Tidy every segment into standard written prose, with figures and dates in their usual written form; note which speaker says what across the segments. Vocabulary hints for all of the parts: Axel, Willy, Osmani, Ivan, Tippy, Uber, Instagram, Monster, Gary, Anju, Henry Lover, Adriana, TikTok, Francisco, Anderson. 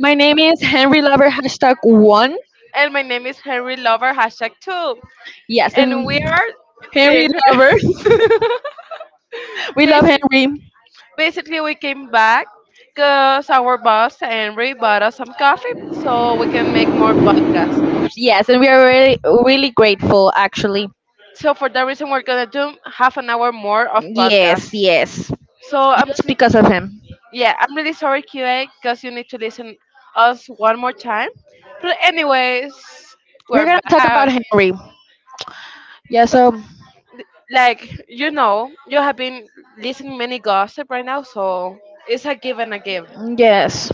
Speaker 1: my name is Henry Lover hashtag one.
Speaker 2: and my name is Henry Lover hashtag two,
Speaker 1: Yes,
Speaker 2: and
Speaker 1: and
Speaker 2: we are
Speaker 1: Henry
Speaker 2: the
Speaker 1: Lover. We love
Speaker 2: basically,
Speaker 1: Henry.
Speaker 2: basically we came back because our boss Henry bought us some coffee so we can make more podcasts.
Speaker 1: Yes, and we are really, really grateful actually.
Speaker 2: So for that reason, we're gonna do half an hour more of
Speaker 1: Yes,
Speaker 2: podcasts.
Speaker 1: yes, so,
Speaker 2: So I'm s
Speaker 1: just because of him.
Speaker 2: yeah, I'm really sorry QA because you need to listen us one more time. But anyways,
Speaker 1: We're
Speaker 2: we're
Speaker 1: gonna talk about
Speaker 2: back.
Speaker 1: Henry. Yeah. So
Speaker 2: Like you know you have been listening many gossip right now, so it's a give and a give.
Speaker 1: yes.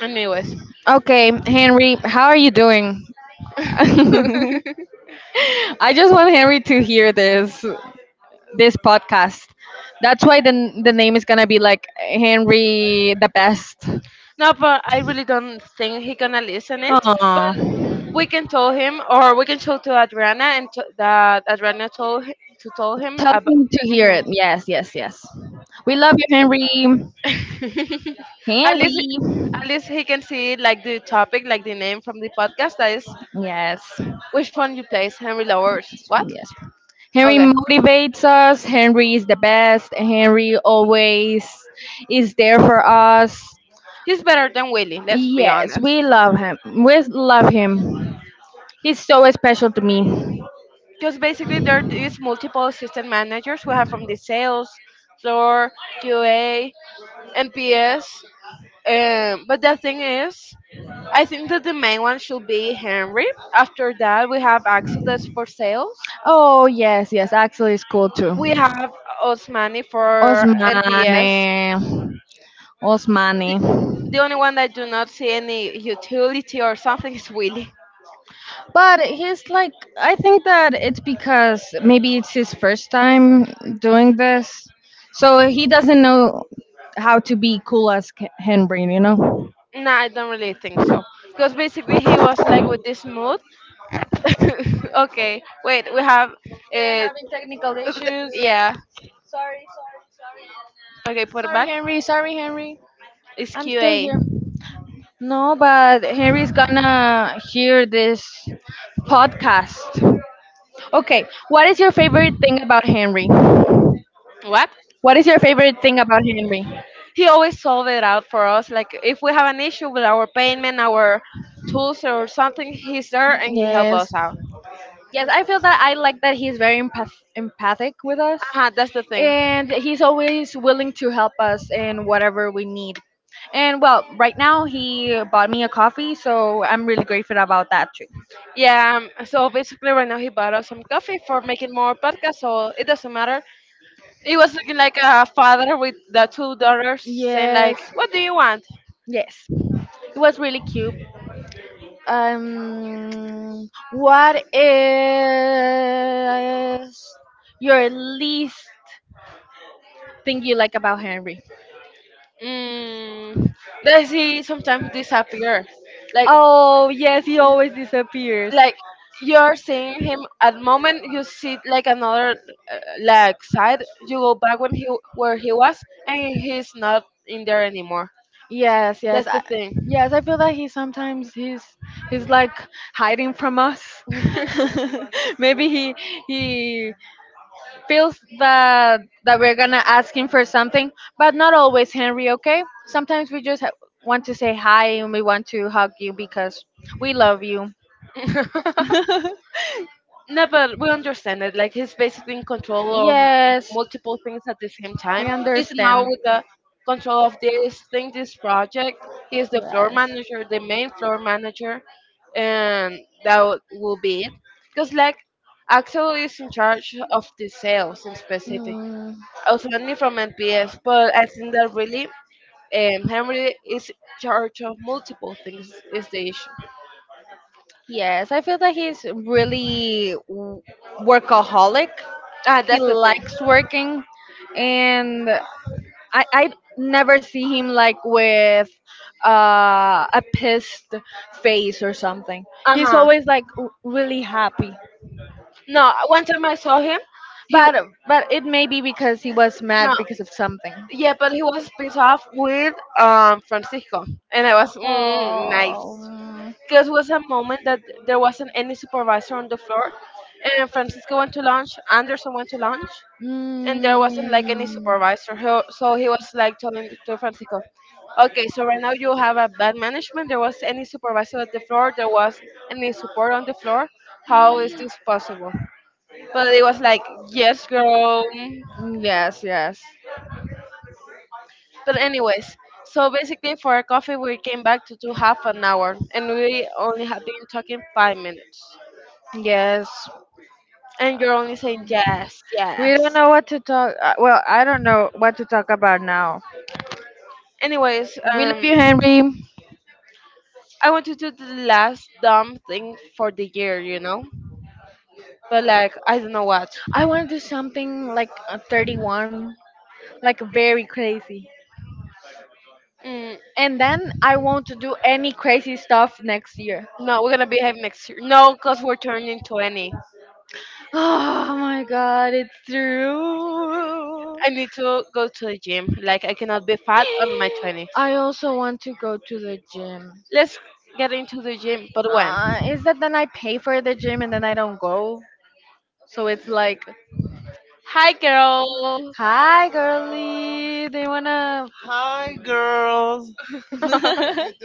Speaker 2: Anyways,
Speaker 1: Okay, Henry, how are you doing? I
Speaker 2: no,
Speaker 1: just want Henry to hear this podcast. That's why the name is gonna be like Henry the Best.
Speaker 2: but I really don't think he gonna listen it, but
Speaker 1: Aw.
Speaker 2: we can tell him or we can show to Adriana and that Adriana told to tell him
Speaker 1: Tell
Speaker 2: about.
Speaker 1: him to hear
Speaker 2: Mhm.
Speaker 1: it. Yes, yes, yes. We love you, Henry.
Speaker 2: At least
Speaker 1: Henry.
Speaker 2: at least he can see like the topic, like the name from the podcast that is
Speaker 1: Yes.
Speaker 2: which one you place, Henry lovers, what.
Speaker 1: Yes. Henry
Speaker 2: Okay.
Speaker 1: motivates us. Henry is the best. Henry always is there for us.
Speaker 2: He's better than Willie, let's be
Speaker 1: Yes,
Speaker 2: honest.
Speaker 1: we love him. We love him. He's so special to me.
Speaker 2: Because basically there is multiple assistant managers we have from the sales, floor, QA, NPS. But the thing is, I think that the main one should be Henry. After that, we have Axel that's for sales.
Speaker 1: Oh, yes, yes. Axel is cool too.
Speaker 2: We have Osmani for
Speaker 1: Osmane.
Speaker 2: NPS.
Speaker 1: Osmane.
Speaker 2: The only one that do not see any utility or something is Willy.
Speaker 1: But he's like, I think that it's because maybe it's his first time doing this, so he doesn't know how to be cool as Henry, you know.
Speaker 2: No, I don't really think so. Because basically he was like with this mood. Okay, wait, we have. Uh,
Speaker 1: Having technical issues. Yeah.
Speaker 2: yeah. Okay, put it
Speaker 1: Sorry,
Speaker 2: back.
Speaker 1: Henry. Sorry, Henry.
Speaker 2: It's
Speaker 1: I'm still
Speaker 2: QA.
Speaker 1: here. No, but Henry's gonna hear this podcast. Okay, what is your favorite thing about Henry?
Speaker 2: What?
Speaker 1: What is your favorite thing about Henry?
Speaker 2: He always solve it out for us. Like if we have an issue with our payment, our tools or something, he's there and he help
Speaker 1: Yes.
Speaker 2: us out.
Speaker 1: Yes, I feel that I like that he's very empathic with us,
Speaker 2: Uh, that's the thing.
Speaker 1: and he's always willing to help us in whatever we need. And well, right now he bought me a coffee, so I'm really grateful about that too.
Speaker 2: Yeah, so basically right now he bought us some coffee for making more podcasts, so it doesn't matter. He was looking like a father with the two daughters saying like,
Speaker 1: Yes,
Speaker 2: "What do you want?"
Speaker 1: yes, it was really cute. What is your least thing you like about Henry?
Speaker 2: Mm, does he sometimes disappear? Like,
Speaker 1: Oh yes, he always disappears.
Speaker 2: like you're seeing him at the moment, you see like another like side. You go back when he where he was, and he's not in there anymore.
Speaker 1: Yes, yes,
Speaker 2: That's the thing.
Speaker 1: yes. I feel that he sometimes he's like hiding from us. Maybe he feels that we're gonna ask him for something, but not always, Henry. Okay, sometimes we just want to say hi and we want to hug you because we love you.
Speaker 2: No, but we understand it. Like he's basically in control of
Speaker 1: Yes,
Speaker 2: multiple things at the same time.
Speaker 1: we
Speaker 2: He's now
Speaker 1: understand.
Speaker 2: with the control of this thing, this project. He is the floor
Speaker 1: Yes.
Speaker 2: manager, the main floor manager, and will be it. Because like Axel is in charge of the sales in specific.
Speaker 1: Mm.
Speaker 2: I was only from NPS, but I think that really Henry is in charge of multiple things is the issue.
Speaker 1: Yes, I feel that he's really workaholic.
Speaker 2: Ah,
Speaker 1: He
Speaker 2: that's the thing.
Speaker 1: likes working, and I never see him like with a pissed face or something.
Speaker 2: Uh
Speaker 1: He's
Speaker 2: huh.
Speaker 1: always like really happy.
Speaker 2: No, one time I saw him he
Speaker 1: But but it may be because he was mad
Speaker 2: No,
Speaker 1: because of something.
Speaker 2: yeah, but he was pissed off with Francisco, and I was mm, nice
Speaker 1: Oh.
Speaker 2: because it was a moment that there wasn't any supervisor on the floor, and Francisco went to lunch, Anderson went to lunch,
Speaker 1: Mm,
Speaker 2: and there wasn't like any
Speaker 1: mm.
Speaker 2: supervisor. So he was like telling to Francisco, okay, so right now you have a bad management. There was any supervisor at the floor. There was any support on the floor. How is this possible? But it was like, yes, girl.
Speaker 1: Yes, yes.
Speaker 2: But anyways, so basically for our coffee we came back to do half an hour and we only have been talking 5 minutes.
Speaker 1: Yes.
Speaker 2: And you're only saying yes,
Speaker 1: We don't
Speaker 2: yes.
Speaker 1: know what to talk. Well, I don't know what to talk about now.
Speaker 2: Anyways,
Speaker 1: We love you, Henry.
Speaker 2: I want to do the last dumb thing for the year, you know? But like I don't know what.
Speaker 1: I want to do something like a 31, like very crazy.
Speaker 2: Mm,
Speaker 1: And then I want to do any crazy stuff next year.
Speaker 2: no, we're gonna behave next year. No, cause we're turning 20.
Speaker 1: Oh my god, it's true.
Speaker 2: I need to go to the gym. Like I cannot be fat on my twenties.
Speaker 1: I also want to go to the gym.
Speaker 2: Let's get into the gym, but when?
Speaker 1: Is that then I pay for the gym and then I don't go? So it's like,
Speaker 2: Hi girl.
Speaker 1: hi, girly. They wanna.
Speaker 2: Hi,
Speaker 1: Hi,
Speaker 2: girl.
Speaker 1: girls. What
Speaker 2: Good.
Speaker 1: you doing?
Speaker 2: What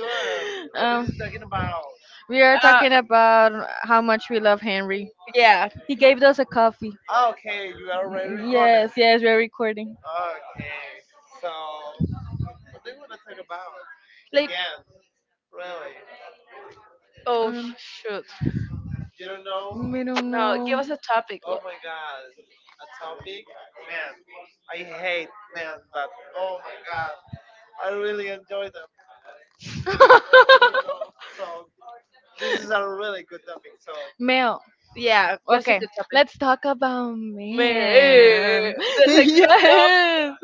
Speaker 1: What are
Speaker 2: you
Speaker 1: you talking
Speaker 2: thinking
Speaker 1: about?
Speaker 2: about?
Speaker 1: We are
Speaker 2: Uh,
Speaker 1: about how much we love Henry.
Speaker 2: yeah.
Speaker 1: He gave us a coffee. Ah,
Speaker 2: Okay,
Speaker 1: okay,
Speaker 2: you
Speaker 1: you are already
Speaker 2: already
Speaker 1: recording.
Speaker 2: recorded.
Speaker 1: Yes, yes, we're recording. Okay,
Speaker 2: Okay,
Speaker 1: so
Speaker 2: so
Speaker 1: what
Speaker 2: what
Speaker 1: do
Speaker 2: do
Speaker 1: you
Speaker 2: you
Speaker 1: want
Speaker 2: want
Speaker 1: to
Speaker 2: to
Speaker 1: talk
Speaker 2: talk
Speaker 1: about?
Speaker 2: about? Like, yes,
Speaker 1: Yes, really.
Speaker 2: really. Shoot. You
Speaker 1: You
Speaker 2: don't
Speaker 1: don't know?
Speaker 2: know?
Speaker 1: We don't
Speaker 2: No, give us a topic. Oh my God,
Speaker 1: god, a
Speaker 2: a
Speaker 1: topic?
Speaker 2: topic? Man,
Speaker 1: Man,
Speaker 2: I
Speaker 1: I
Speaker 2: hate
Speaker 1: hate
Speaker 2: men,
Speaker 1: man,
Speaker 2: but
Speaker 1: but
Speaker 2: oh
Speaker 1: oh
Speaker 2: my
Speaker 1: my
Speaker 2: God,
Speaker 1: god,
Speaker 2: I
Speaker 1: I
Speaker 2: really
Speaker 1: really enjoy
Speaker 2: enjoy them.
Speaker 1: them.
Speaker 2: You know, so
Speaker 1: So
Speaker 2: this
Speaker 1: this
Speaker 2: is
Speaker 1: is
Speaker 2: a
Speaker 1: a
Speaker 2: really
Speaker 1: really good
Speaker 2: good
Speaker 1: topic.
Speaker 2: topic.
Speaker 1: So
Speaker 2: So
Speaker 1: male.
Speaker 2: yeah, that's a
Speaker 1: Okay,
Speaker 2: good topic.
Speaker 1: let's talk about
Speaker 2: Man, eh,
Speaker 1: men.
Speaker 2: that's a good job.
Speaker 1: Yes.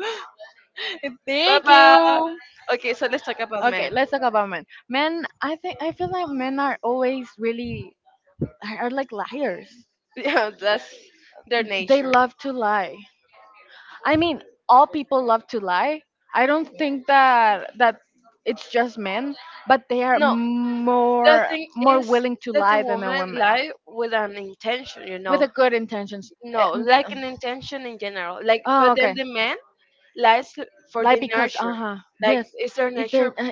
Speaker 2: Bye
Speaker 1: Thank
Speaker 2: bye.
Speaker 1: you.
Speaker 2: Okay, so let's talk about
Speaker 1: Okay,
Speaker 2: men.
Speaker 1: let's talk about men. Men, I think I feel like men are always really are like liars.
Speaker 2: Yeah, that's their
Speaker 1: They
Speaker 2: nature.
Speaker 1: love to lie. I mean, all people love to lie. I don't think that it's just men, but they are
Speaker 2: No, the
Speaker 1: more
Speaker 2: thing
Speaker 1: more
Speaker 2: is
Speaker 1: willing to
Speaker 2: that the
Speaker 1: lie than a
Speaker 2: woman
Speaker 1: woman
Speaker 2: lie with an intention, you
Speaker 1: with
Speaker 2: know.
Speaker 1: a good intentions. Uh,
Speaker 2: No,
Speaker 1: n-
Speaker 2: like an intention in general. Like, but
Speaker 1: oh,
Speaker 2: then
Speaker 1: okay.
Speaker 2: the man lies for
Speaker 1: Like
Speaker 2: the
Speaker 1: because
Speaker 2: nurture.
Speaker 1: yes,
Speaker 2: Like, it's their
Speaker 1: is
Speaker 2: nature.
Speaker 1: there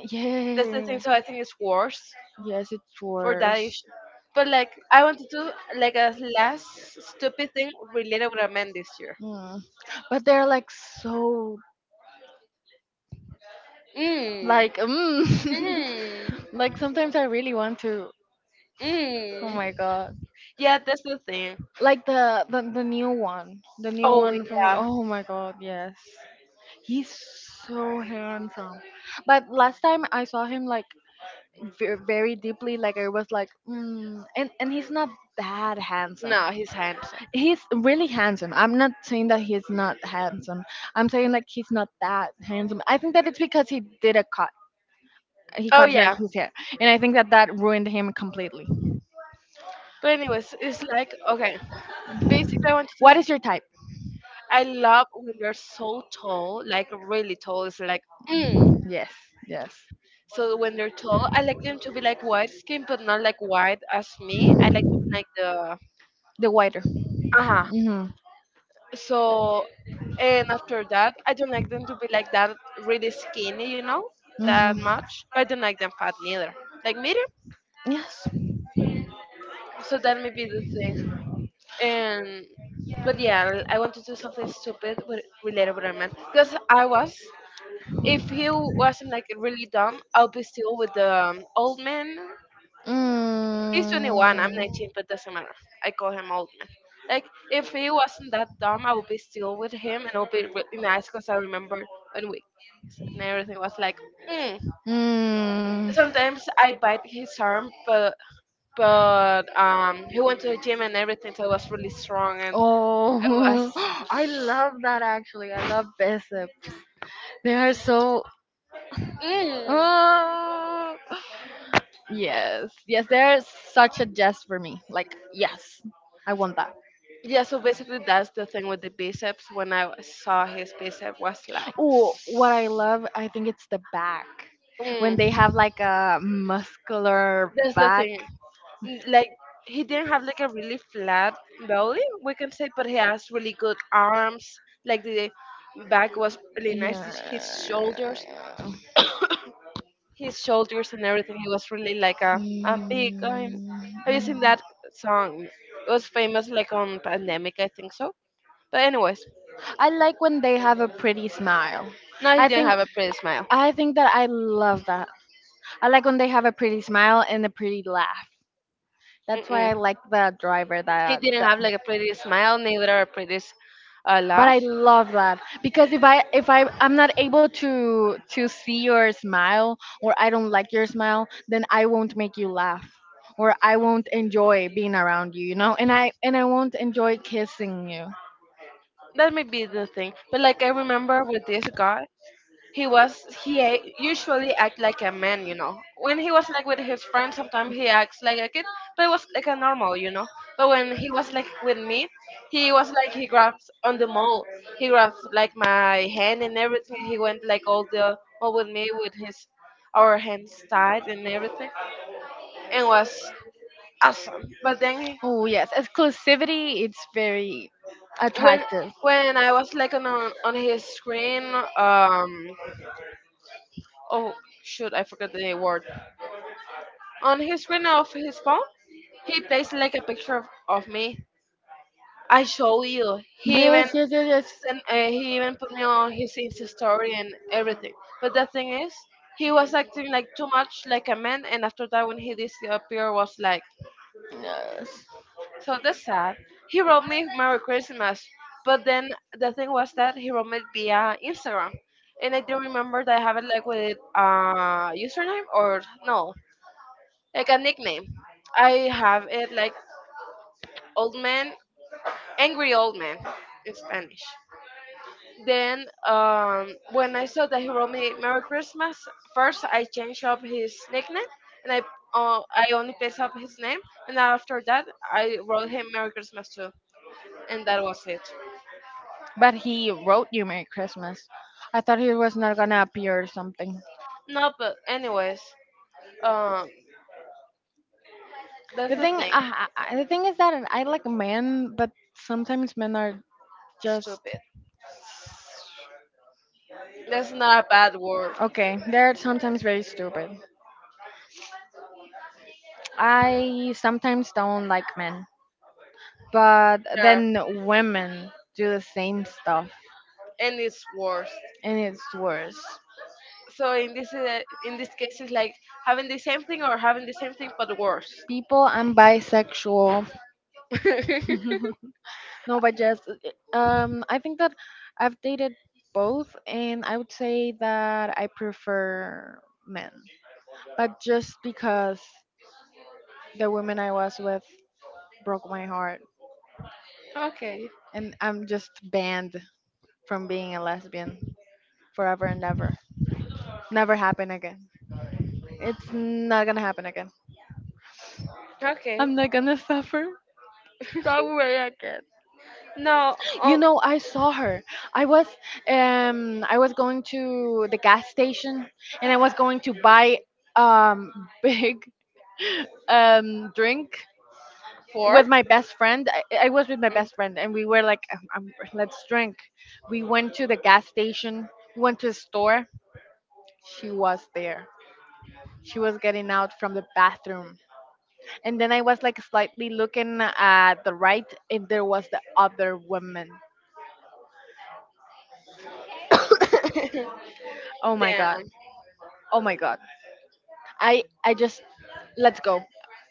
Speaker 2: That's the thing.
Speaker 1: yeah,
Speaker 2: So I think it's worse
Speaker 1: yes it's
Speaker 2: for that
Speaker 1: worse.
Speaker 2: issue. But like, I want to do like a last stupid thing related with a man this year.
Speaker 1: Mm. But they're like so
Speaker 2: Mm.
Speaker 1: like mm.
Speaker 2: Mm.
Speaker 1: Like sometimes I really want to. Oh
Speaker 2: Mm.
Speaker 1: my god.
Speaker 2: Yeah, that's the thing.
Speaker 1: Like the new one, the new Oh
Speaker 2: Oh
Speaker 1: one from. Yeah.
Speaker 2: yeah.
Speaker 1: Oh my god, yes, he's so handsome. But last time I saw him like very, very deeply, like I was like, mm. And he's not that. No, handsome. No,
Speaker 2: No, he's handsome.
Speaker 1: he's handsome. He's really handsome. I'm not saying that he's not handsome. I'm saying like he's not that handsome. I think that it's because he did a cut. He. Oh,
Speaker 2: Oh
Speaker 1: cut her. Yeah.
Speaker 2: yeah.
Speaker 1: His hair, and I think that that ruined him completely.
Speaker 2: But anyways, it's like okay. Basically, I want to
Speaker 1: What
Speaker 2: do.
Speaker 1: is your type?
Speaker 2: I love when they're so tall, like really tall. It's like mm.
Speaker 1: Yes, yes,
Speaker 2: So when they're tall, I like them to be like white skin, but not like white as me. I like to be like the
Speaker 1: the whiter. Uh
Speaker 2: uh
Speaker 1: huh.
Speaker 2: huh.
Speaker 1: Hmm.
Speaker 2: So, and after that, I don't like them to be like that really skinny, you know,
Speaker 1: Hmm.
Speaker 2: that much. But I don't like them fat neither, like medium.
Speaker 1: Yes.
Speaker 2: So that may be the thing. And but yeah, I want to do something stupid with related with a man because I was. If he wasn't like really dumb, I'll be still with the old man. He's 21, I'm 19, but doesn't matter. I call him old man. Like, if he wasn't that dumb, I would be still with him and it would be really nice because I remember when we and everything was like, mm.
Speaker 1: Mm.
Speaker 2: Sometimes I bite his arm, but he went to the gym and everything, so it was really
Speaker 1: I.
Speaker 2: strong and it was.
Speaker 1: Oh, I love that actually. I love bicep. They are so.
Speaker 2: Mm.
Speaker 1: Oh, yes, yes. They're such a jest for me. Like, yes, I want that.
Speaker 2: Yeah, so basically that's the thing with the biceps. When I saw his bicep, was like,
Speaker 1: Oh, what I love, I think it's the back. When they
Speaker 2: mm.
Speaker 1: have like a muscular
Speaker 2: That's the
Speaker 1: back.
Speaker 2: thing. Like he didn't have like a really flat belly, we can say, but he has really good arms. Like the back was really nice.
Speaker 1: Yeah.
Speaker 2: His shoulders, his shoulders and everything. He was really like a big. I
Speaker 1: Mm.
Speaker 2: have you seen that song? It was famous like on pandemic, I think so. But anyways,
Speaker 1: I like when they have a pretty smile.
Speaker 2: no, he
Speaker 1: I
Speaker 2: didn't
Speaker 1: think
Speaker 2: have a pretty smile.
Speaker 1: I think that I love that. I like when they have a pretty smile and a pretty laugh. That's why
Speaker 2: Mm-mm.
Speaker 1: I like the driver
Speaker 2: He
Speaker 1: that
Speaker 2: didn't have like a pretty smile, neither a
Speaker 1: but I
Speaker 2: laugh.
Speaker 1: love that because if I'm not able to see your smile or I don't like your smile, then I won't make you laugh or I won't enjoy being around you, you know, and I won't enjoy kissing you.
Speaker 2: That may be the thing. But like I remember with this guy, he was usually act like a man, you know. When he was like with his friends, sometimes he acts like a kid, but it was like a normal, you know. But when he was like with me, he was like he grabs on the mall, he grabs like my hand and everything. He went like all the mall with me with his our hands tied and everything, and was awesome. But then
Speaker 1: Oh yes, exclusivity, it's very
Speaker 2: when
Speaker 1: attractive.
Speaker 2: when I was like on on his screen, um, oh shoot, I forgot the word. On his screen of his phone, he placed like a picture of me. I show you. He even
Speaker 1: Yes, yes, yes,
Speaker 2: he even put me on his Insta story and everything. But the thing is, he was acting like too much like a man, and after that, when he disappeared, was like.
Speaker 1: yes, yes.
Speaker 2: So that's sad. He wrote me Merry Christmas, but then the thing was that he wrote me via Instagram, and I do remember that I have it like with username or no, like a nickname. I have it like old man, angry old man in Spanish. Then when I saw that he wrote me Merry Christmas, first I changed up his nickname and I only paste up his name, and after that I wrote him Merry Christmas too, and that was it.
Speaker 1: But he wrote you Merry Christmas. I thought he was not gonna appear or something.
Speaker 2: No, but anyways, um, that's
Speaker 1: The
Speaker 2: the
Speaker 1: thing,
Speaker 2: thing.
Speaker 1: the thing is that I like men, but sometimes men are just
Speaker 2: Stupid. That's not a bad word.
Speaker 1: okay. They're sometimes very stupid. I sometimes don't like men, but
Speaker 2: There,
Speaker 1: then women do the same stuff,
Speaker 2: and it's worse.
Speaker 1: and it's worse.
Speaker 2: So in this case, it's like having the same thing or having the same thing but worse.
Speaker 1: People, I'm bisexual. No, but yes, I think that I've dated both, and I would say that I prefer men. But just because the woman I was with broke my heart,
Speaker 2: Okay.
Speaker 1: and I'm just banned from being a lesbian forever and ever. Never happen again. It's not gonna happen again.
Speaker 2: Okay.
Speaker 1: I'm not gonna suffer.
Speaker 2: No,
Speaker 1: You
Speaker 2: oh,
Speaker 1: know, I saw her. I was I was going to the gas station and I was going to buy um big drink
Speaker 2: four?
Speaker 1: with my best friend. I was with my best friend and we were like let's drink. We went to the gas station, we went to the store. She was there. She was getting out from the bathroom, and then I was like slightly looking at the right and there was the other woman. Oh my god.
Speaker 2: Damn,
Speaker 1: Oh my god. I just let's go.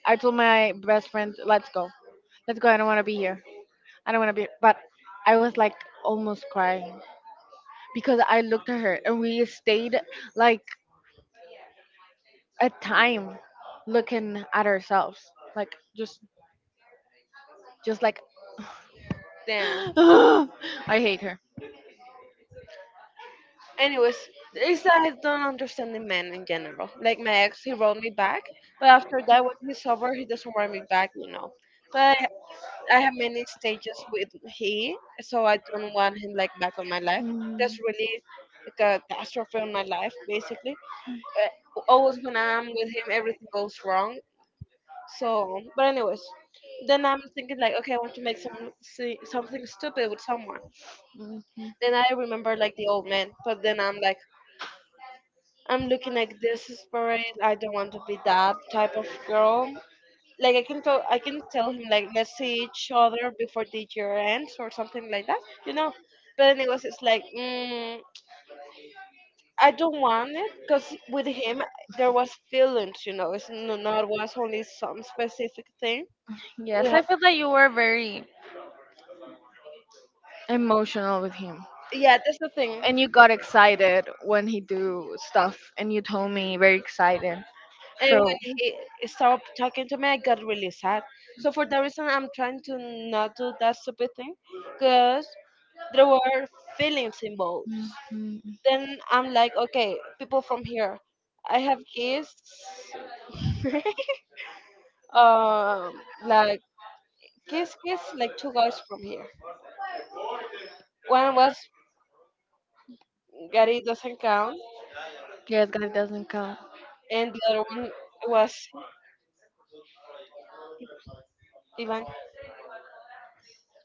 Speaker 1: I told my best friend let's go. Let's go, I don't want to be here. I don't want to be. But I was like almost crying because I looked at her and we stayed like a time looking at ourselves. Like just like
Speaker 2: damn.
Speaker 1: I hate her.
Speaker 2: Anyways, it's that I don't understand the man in general. Like my ex, he wrote me back, but after that, when he's over, he doesn't write me back, you know. But I have many stages with he, so I don't want him like back on my life.
Speaker 1: Mm,
Speaker 2: That's really like, a catastrophe in my life, basically. Always when I'm with him, everything goes wrong. So, but anyways, then I'm thinking like, okay, I want to make something stupid with someone.
Speaker 1: mhm.
Speaker 2: Then I remember like the old man, but then I'm like, I'm looking like this desperate. I don't want to be that type of girl. Like I can tell him like let's see each other before the year ends or something like that, you know. But anyways, it's like mm, I don't want it because with him there was feelings, you know. It's no, not was only some specific thing. We
Speaker 1: Yes,
Speaker 2: have
Speaker 1: I feel that you were very emotional with him.
Speaker 2: yeah, that's the thing.
Speaker 1: And you got excited when he do stuff and you told me very excited.
Speaker 2: And
Speaker 1: So
Speaker 2: when he stopped talking to me, I got really sad. So for that reason, I'm trying to not do that stupid thing because there were feelings involved.
Speaker 1: mhm.
Speaker 2: Then I'm like, okay, people from here, I have kids, like kiss kiss like two guys from here. One was Gary doesn't count,
Speaker 1: Yes, guys doesn't count.
Speaker 2: and the other one was Ivan.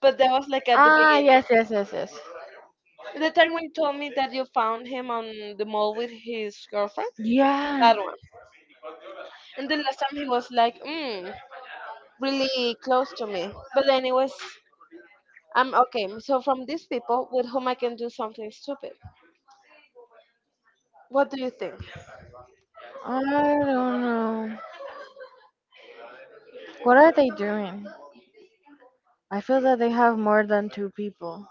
Speaker 2: But that was like at the
Speaker 1: Ah
Speaker 2: beginning.
Speaker 1: yes, yes, yes, yes.
Speaker 2: The time when you told me that you found him on the mall with his girlfriend, that
Speaker 1: Yeah.
Speaker 2: one. And the last time he was like, mm, really close to me. But then it was I'm okay. So from these people with whom I can do something stupid. What do you think?
Speaker 1: I don't know. What are they doing? I feel that they have more than two people.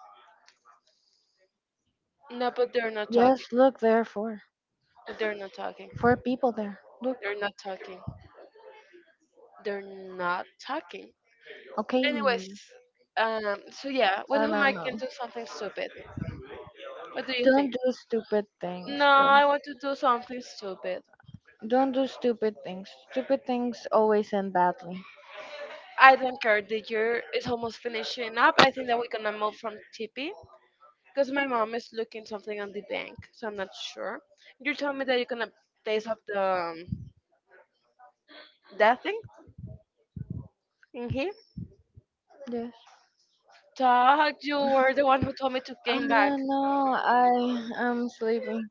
Speaker 2: No, but they're not talking.
Speaker 1: Yes, look, there are four.
Speaker 2: They're not talking.
Speaker 1: Four people there. Look,
Speaker 2: They're not talking. They're not talking.
Speaker 1: okay.
Speaker 2: Anyways,
Speaker 1: I
Speaker 2: so yeah, with
Speaker 1: don't
Speaker 2: whom I can
Speaker 1: know.
Speaker 2: do something stupid. What do you think?
Speaker 1: Don't do stupid things,
Speaker 2: No,
Speaker 1: bro.
Speaker 2: I want to do something stupid.
Speaker 1: Don't do stupid things. Stupid things always end badly.
Speaker 2: I don't care. The year is almost finishing up. I think that we're gonna move from Tippy because my mom is looking something on the bank, so I'm not sure. You told me that you're gonna place up the that thing in here.
Speaker 1: Yes.
Speaker 2: Dog, you were the one who told me to
Speaker 1: I
Speaker 2: came back.
Speaker 1: don't know. I am sleeping.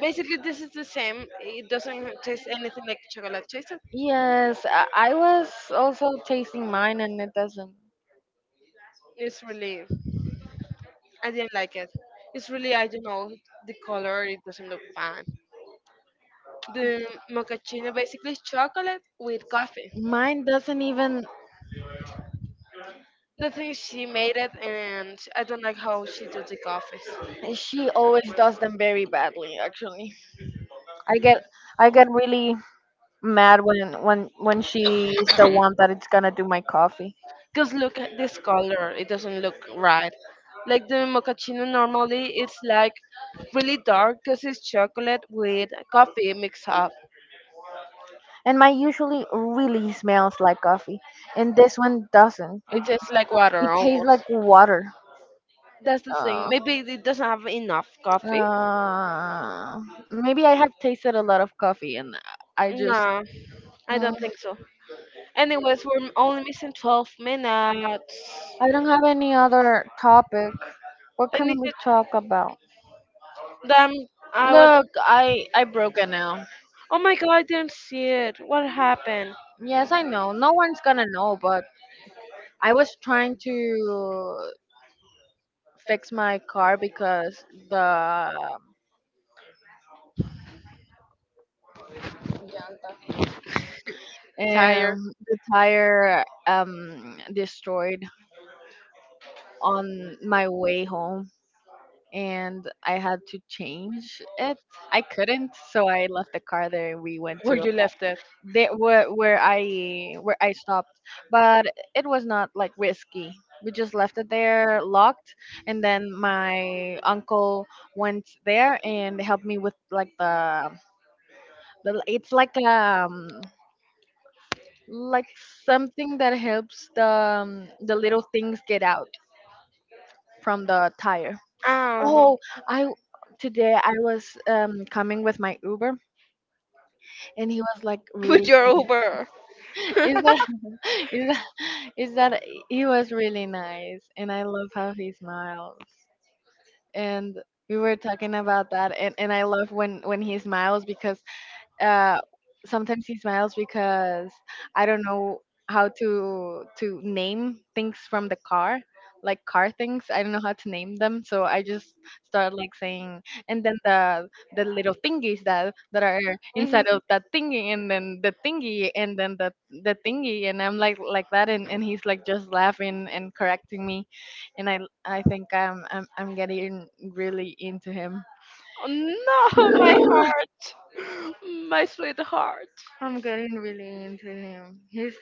Speaker 2: Basically, this is the same. It doesn't taste anything like chocolate tasted.
Speaker 1: Yes, I was also tasting mine and it doesn't.
Speaker 2: It's really, I didn't like it. It's really, I don't know, the color, it doesn't look fun. The mochaccino basically is chocolate with coffee.
Speaker 1: Mine doesn't even.
Speaker 2: The thing is, she made it, and I don't like how she did the coffees.
Speaker 1: She always does them very badly. Actually, I get I get really mad when she's the one that it's gonna do my coffee.
Speaker 2: Because look at this color, it doesn't look right. Like the mochaccino normally, it's like really dark because it's chocolate with coffee mixed up.
Speaker 1: And my usually really smells like coffee, and this one doesn't. It
Speaker 2: It tastes like water
Speaker 1: it tastes
Speaker 2: almost.
Speaker 1: like water.
Speaker 2: That's the thing.
Speaker 1: Uh,
Speaker 2: Maybe it doesn't have enough coffee.
Speaker 1: uh, maybe I have tasted a lot of coffee, and I just
Speaker 2: No, I
Speaker 1: mm,
Speaker 2: don't think so. Anyways, we're only missing 12 minutes.
Speaker 1: I don't have any other topic. What
Speaker 2: I
Speaker 1: can
Speaker 2: need
Speaker 1: we
Speaker 2: to.
Speaker 1: talk about?
Speaker 2: Damn, I was.
Speaker 1: Look, I broke it now.
Speaker 2: Oh my god, I didn't see it. What happened?
Speaker 1: Yes, I know. No one's gonna know, but I was trying to fix my car because the
Speaker 2: Tire.
Speaker 1: the tire destroyed on my way home and I had to change it. I couldn't, so I left the car there and we went
Speaker 2: Where
Speaker 1: to
Speaker 2: you left it?
Speaker 1: they, where I stopped, but it was not like risky. We just left it there locked, and then my uncle went there and helped me with like the it's like like something that helps the little things get out from the tire.
Speaker 2: Ah,
Speaker 1: Oh, I today I was coming with my Uber and he was like really
Speaker 2: with your Uber.
Speaker 1: is that is that is that he was really nice and I love how he smiles and we were talking about that, and I love when he smiles because uh, sometimes he smiles because I don't know how to name things from the car, like car things. I don't know how to name them, so I just start like saying, and then the little thingies that are
Speaker 2: Mhm.
Speaker 1: inside of that thingy, and then the thingy, and then the thingy, and I'm like that, and he's like just laughing and correcting me, and I think I'm getting really into him.
Speaker 2: Oh, no, my heart, my sweet heart.
Speaker 1: I'm getting really into him. He's.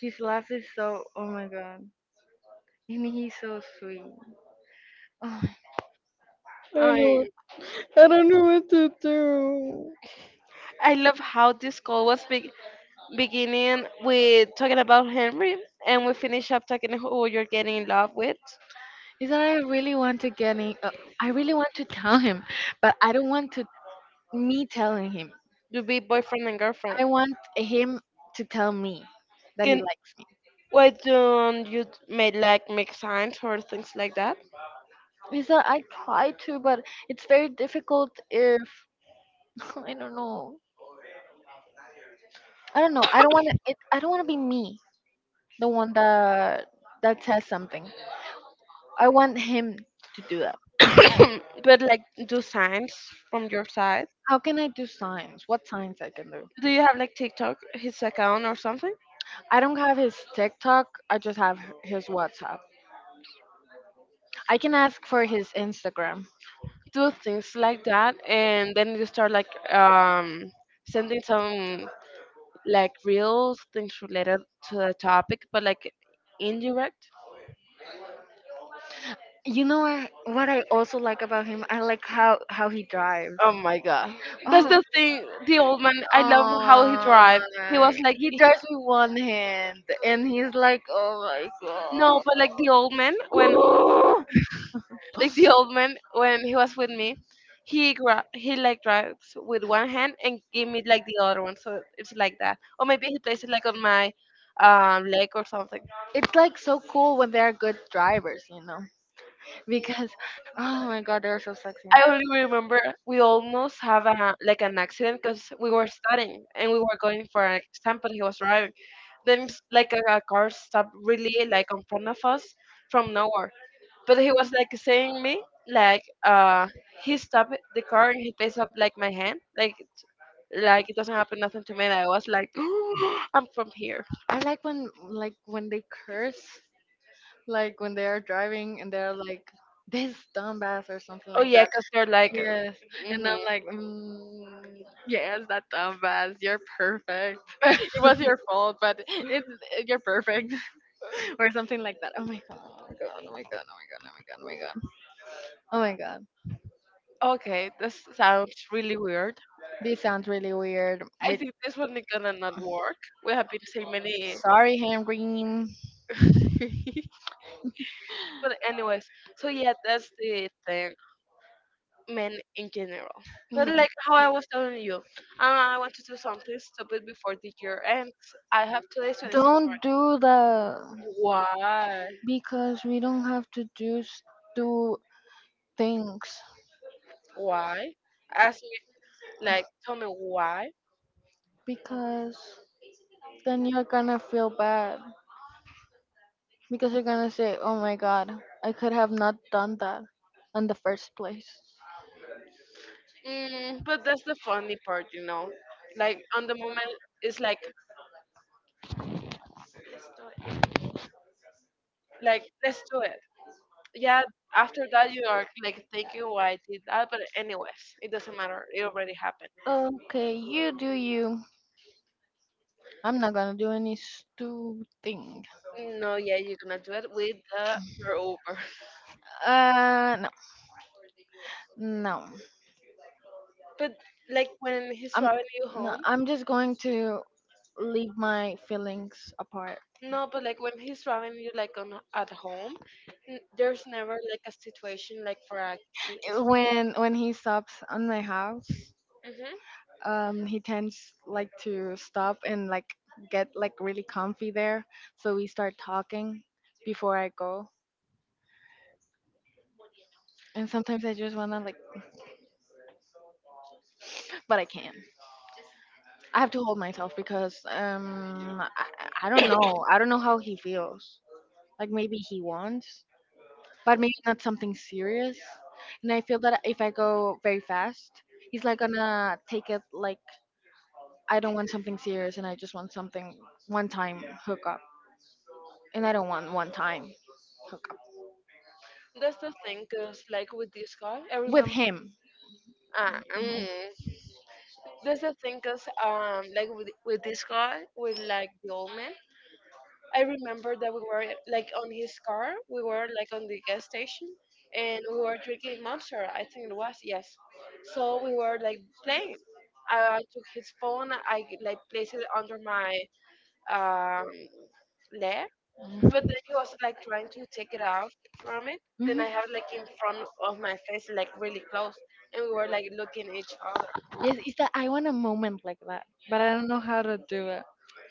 Speaker 1: His laugh is so oh my god, and he's so sweet. Oh,
Speaker 2: I I love how this call was beginning with talking about Henry, and we finish up talking who you're getting in love with.
Speaker 1: is that I really want to get in? I really want to tell him, but I don't want to me telling him.
Speaker 2: You be boyfriend and girlfriend.
Speaker 1: I want him to tell me that he
Speaker 2: Can
Speaker 1: likes me.
Speaker 2: why don't you make like make signs or things like that?
Speaker 1: Is that I try to, but it's very difficult. If I don't know, I don't know. I don't want to. I don't want to be me, the one that says something. I want him to do that.
Speaker 2: But like do signs from your side.
Speaker 1: How can I do signs? What signs I can do?
Speaker 2: Do you have like TikTok his account or something?
Speaker 1: I don't have his TikTok. I just have his WhatsApp. I can ask for his Instagram.
Speaker 2: Do things like that and then you start like sending some like real things related to the topic but like indirect.
Speaker 1: You know what I also like about him? I like how he drives.
Speaker 2: Oh my god, that's
Speaker 1: Oh,
Speaker 2: the thing, the old man, I love how he
Speaker 1: oh
Speaker 2: drive. He
Speaker 1: my.
Speaker 2: was like
Speaker 1: He
Speaker 2: he,
Speaker 1: drives with one hand, and he's like, oh my god.
Speaker 2: no but like the old man when like the old man when he was with me, he he like drives with one hand and give me like the other one, so it's like that, or maybe he places it like on my leg or something.
Speaker 1: It's like so cool when they are good drivers, because oh my god, they're so sexy.
Speaker 2: I only remember we almost have a like an accident because we were studying and we were going for an exam, but he was driving. Then like a car stopped really like in front of us from nowhere. But he was like saying me like he stopped the car and he takes up like my hand like it doesn't happen nothing to me. And I was like I'm from here.
Speaker 1: I like when they curse, like when they are driving and they're like this dumbass or something
Speaker 2: Oh
Speaker 1: like
Speaker 2: yeah, because they're like.
Speaker 1: yes, and I'm
Speaker 2: Hmm.
Speaker 1: like, yes, that dumbass. You're perfect. It was your fault, but it's you're perfect, or something like that. Oh my god! Oh my god! Oh my god! Oh my god! Oh my god! Oh my god! Oh my god.
Speaker 2: Okay, this sounds really weird.
Speaker 1: This sounds really weird.
Speaker 2: I
Speaker 1: With
Speaker 2: think this one is gonna not work. We have been saying many
Speaker 1: sorry, Henry. Mm.
Speaker 2: but anyways, so yeah, that's the thing, men in general. But like how I was telling you, I want to do something stupid before the year ends. I have today's 26.
Speaker 1: Don't do that
Speaker 2: Why?
Speaker 1: because we don't have to do do things
Speaker 2: Why? Ask me, like, tell me why.
Speaker 1: because then you're gonna feel bad. Because you're gonna say, oh my god, I could have not done that in the first place.
Speaker 2: Mm, but that's the funny part, you know. Like on the moment, it's like let's do it. Yeah. After that, you are like thinking why I did that, but anyways, it doesn't matter. It already happened.
Speaker 1: Okay, you do you. I'm not gonna do any stupid thing.
Speaker 2: No, yeah, you're gonna do it with the your Uber.
Speaker 1: Uh, no, no.
Speaker 2: But like when he's
Speaker 1: I'm
Speaker 2: driving you
Speaker 1: No,
Speaker 2: home,
Speaker 1: I'm just going to leave my feelings apart.
Speaker 2: no, but like when he's driving you like on at home, there's never like a situation like for a kiss.
Speaker 1: When he stops on my house,
Speaker 2: Hmm.
Speaker 1: he tends like to stop and like get like really comfy there. So we start talking before I go, and sometimes I just wanna like but I can. I have to hold myself because I don't know. I don't know how he feels. Like maybe he wants, but maybe not something serious. And I feel that if I go very fast, he's like gonna take it like I don't want something serious and I just want something one time hookup. And I don't want one time hookup.
Speaker 2: That's the thing, cause like with this guy, I
Speaker 1: With
Speaker 2: remember.
Speaker 1: him. Mhm.
Speaker 2: Ah,
Speaker 1: Mhm.
Speaker 2: mm. That's the thing, cause like with this guy, with like the old man. I remember that we were like on his car. We were like on the gas station, and we were drinking Monster. I think it was yes. So we were like playing. I took his phone. I like placed it under my um, leg, but then he was like trying to take it out from it. Then I have like in front of my face, like really close, and we were like looking at each other.
Speaker 1: Yes, it's that I want a moment like that, but I don't know how to do it.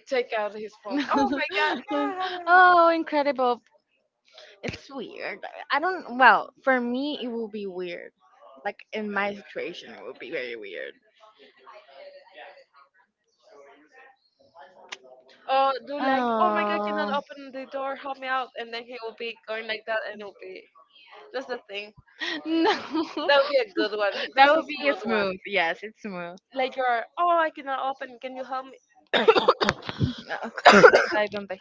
Speaker 2: Take out his phone. Oh my god!
Speaker 1: Oh, incredible. It's weird. I don't, Well, for me, it will be weird. Like in my situation, it will be very weird.
Speaker 2: Or do like, oh my god, I
Speaker 1: Oh,
Speaker 2: cannot open the door, help me out, and then he will be going like that, and it'll be that's the thing.
Speaker 1: no.
Speaker 2: That would be a good one.
Speaker 1: That
Speaker 2: That's a
Speaker 1: would be
Speaker 2: smooth one.
Speaker 1: smooth. Yes, it's smooth.
Speaker 2: Like you're, oh, I cannot open. Can you help me?
Speaker 1: No, I don't think.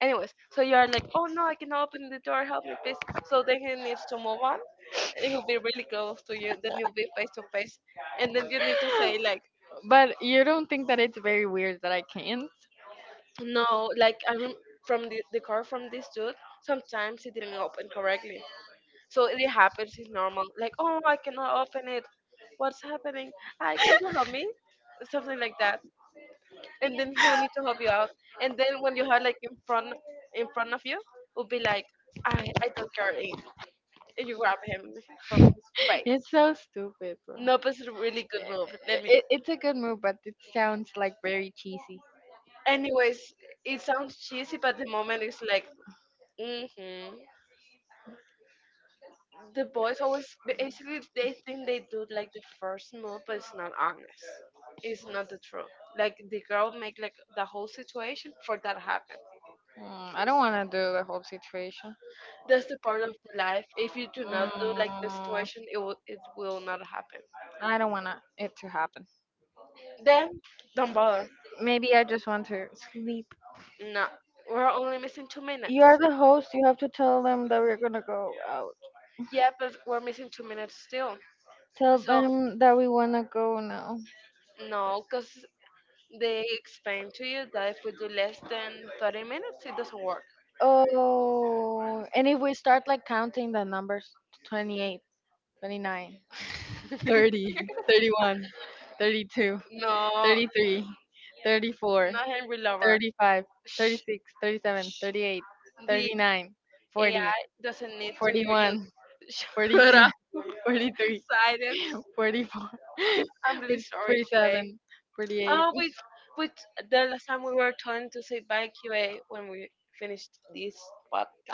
Speaker 2: Anyways, so you're like, oh no, I cannot open the door. Help me, please. So then he needs to move on, and he'll be really close to you. Then you'll be face to face, and then you need to say like,
Speaker 1: But you don't think that it's very weird that I can't?
Speaker 2: no, like I from the car from this dude. Sometimes he didn't open correctly, so it happens is normal. Like, oh, I cannot open it. What's happening? I can you help me? Something like that. And then he will need to help you out. And then when you have like in front of you, will be like, I don't care. And you grab him from his
Speaker 1: Right.
Speaker 2: face.
Speaker 1: It's so stupid, bro.
Speaker 2: Nope is a really good move. Let
Speaker 1: It,
Speaker 2: me.
Speaker 1: it's it's a good move, but it sounds like very cheesy.
Speaker 2: Anyways, it sounds cheesy, but the moment is like, mm-hmm. The boys always basically they think they do like the first move but it's not honest, it's not the truth, like the girl make like the whole situation for that happen.
Speaker 1: I don't want to do the whole situation.
Speaker 2: That's the part of the life, if you do not do like the situation
Speaker 1: Mm,
Speaker 2: it will not happen.
Speaker 1: I don't want it to happen.
Speaker 2: Then don't bother.
Speaker 1: Maybe I just want to sleep.
Speaker 2: No, we're only missing two minutes.
Speaker 1: You're the host. You have to tell them that we're gonna go out.
Speaker 2: Yeah, but we're missing two minutes still,
Speaker 1: Tell
Speaker 2: so
Speaker 1: them that we wanna go now.
Speaker 2: no because they explain to you that if we do less than 30 minutes it doesn't work.
Speaker 1: Oh, and if we start like counting the numbers, 28, 29. 30, 31, 32,
Speaker 2: No,
Speaker 1: 33, 34,
Speaker 2: not Henry Lover.
Speaker 1: 35,
Speaker 2: Shh,
Speaker 1: 36, 37, 38, sí,
Speaker 2: the
Speaker 1: 39, yeah,
Speaker 2: AI doesn't need to
Speaker 1: 40,
Speaker 2: hear you.
Speaker 1: 41,
Speaker 2: Shut
Speaker 1: 42,
Speaker 2: up. We need to be
Speaker 1: 43,
Speaker 2: silent.
Speaker 1: 44,
Speaker 2: I'm really sorry, QA.
Speaker 1: 47, 48.
Speaker 2: Oh, wait, wait. The last time we were trying to say bye, QA, when we finished this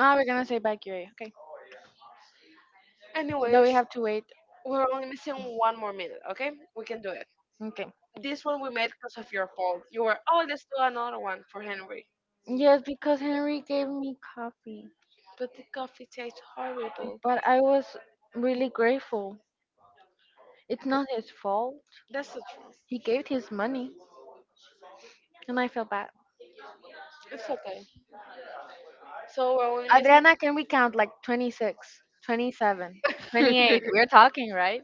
Speaker 1: Ah, we're gonna say back your A. Okay. No, we
Speaker 2: Anyways,
Speaker 1: have to wait.
Speaker 2: we're only missing one more minute, okay? We can do it.
Speaker 1: Okay.
Speaker 2: This one we made because of your fault. You were, oh, let's do another one for Henry.
Speaker 1: Yes, because Henry gave me coffee,
Speaker 2: But the coffee tastes horrible.
Speaker 1: but I was really grateful. It's not his fault.
Speaker 2: That's the truth.
Speaker 1: He gave his money, and I feel bad.
Speaker 2: It's okay. So we're only missing.
Speaker 1: Adriana, can we count like 26, 27, 28? We're talking, right?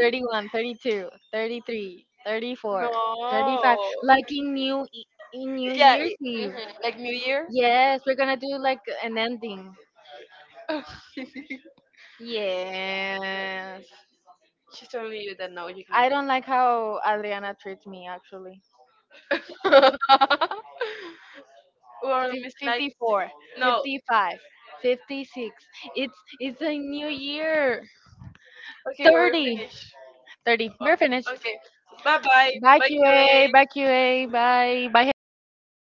Speaker 1: 31, 32, 33, 34,
Speaker 2: No.
Speaker 1: 35. Like in in New
Speaker 2: Yeah,
Speaker 1: Year's
Speaker 2: it,
Speaker 1: Eve.
Speaker 2: like New Year.
Speaker 1: Yes, we're gonna do like an ending. Yes.
Speaker 2: She told me you that now you can.
Speaker 1: I don't like how Adriana treats me actually.
Speaker 2: We're on Miss Like.
Speaker 1: 54,
Speaker 2: No.
Speaker 1: 55, 56. It's it's a new year.
Speaker 2: Okay, we're
Speaker 1: 30.
Speaker 2: finished.
Speaker 1: 30. Oh, we're finished.
Speaker 2: Okay. Bye bye.
Speaker 1: Bye,
Speaker 2: Bye, QA.
Speaker 1: QA. Bye, QA. Bye. Bye, Henry.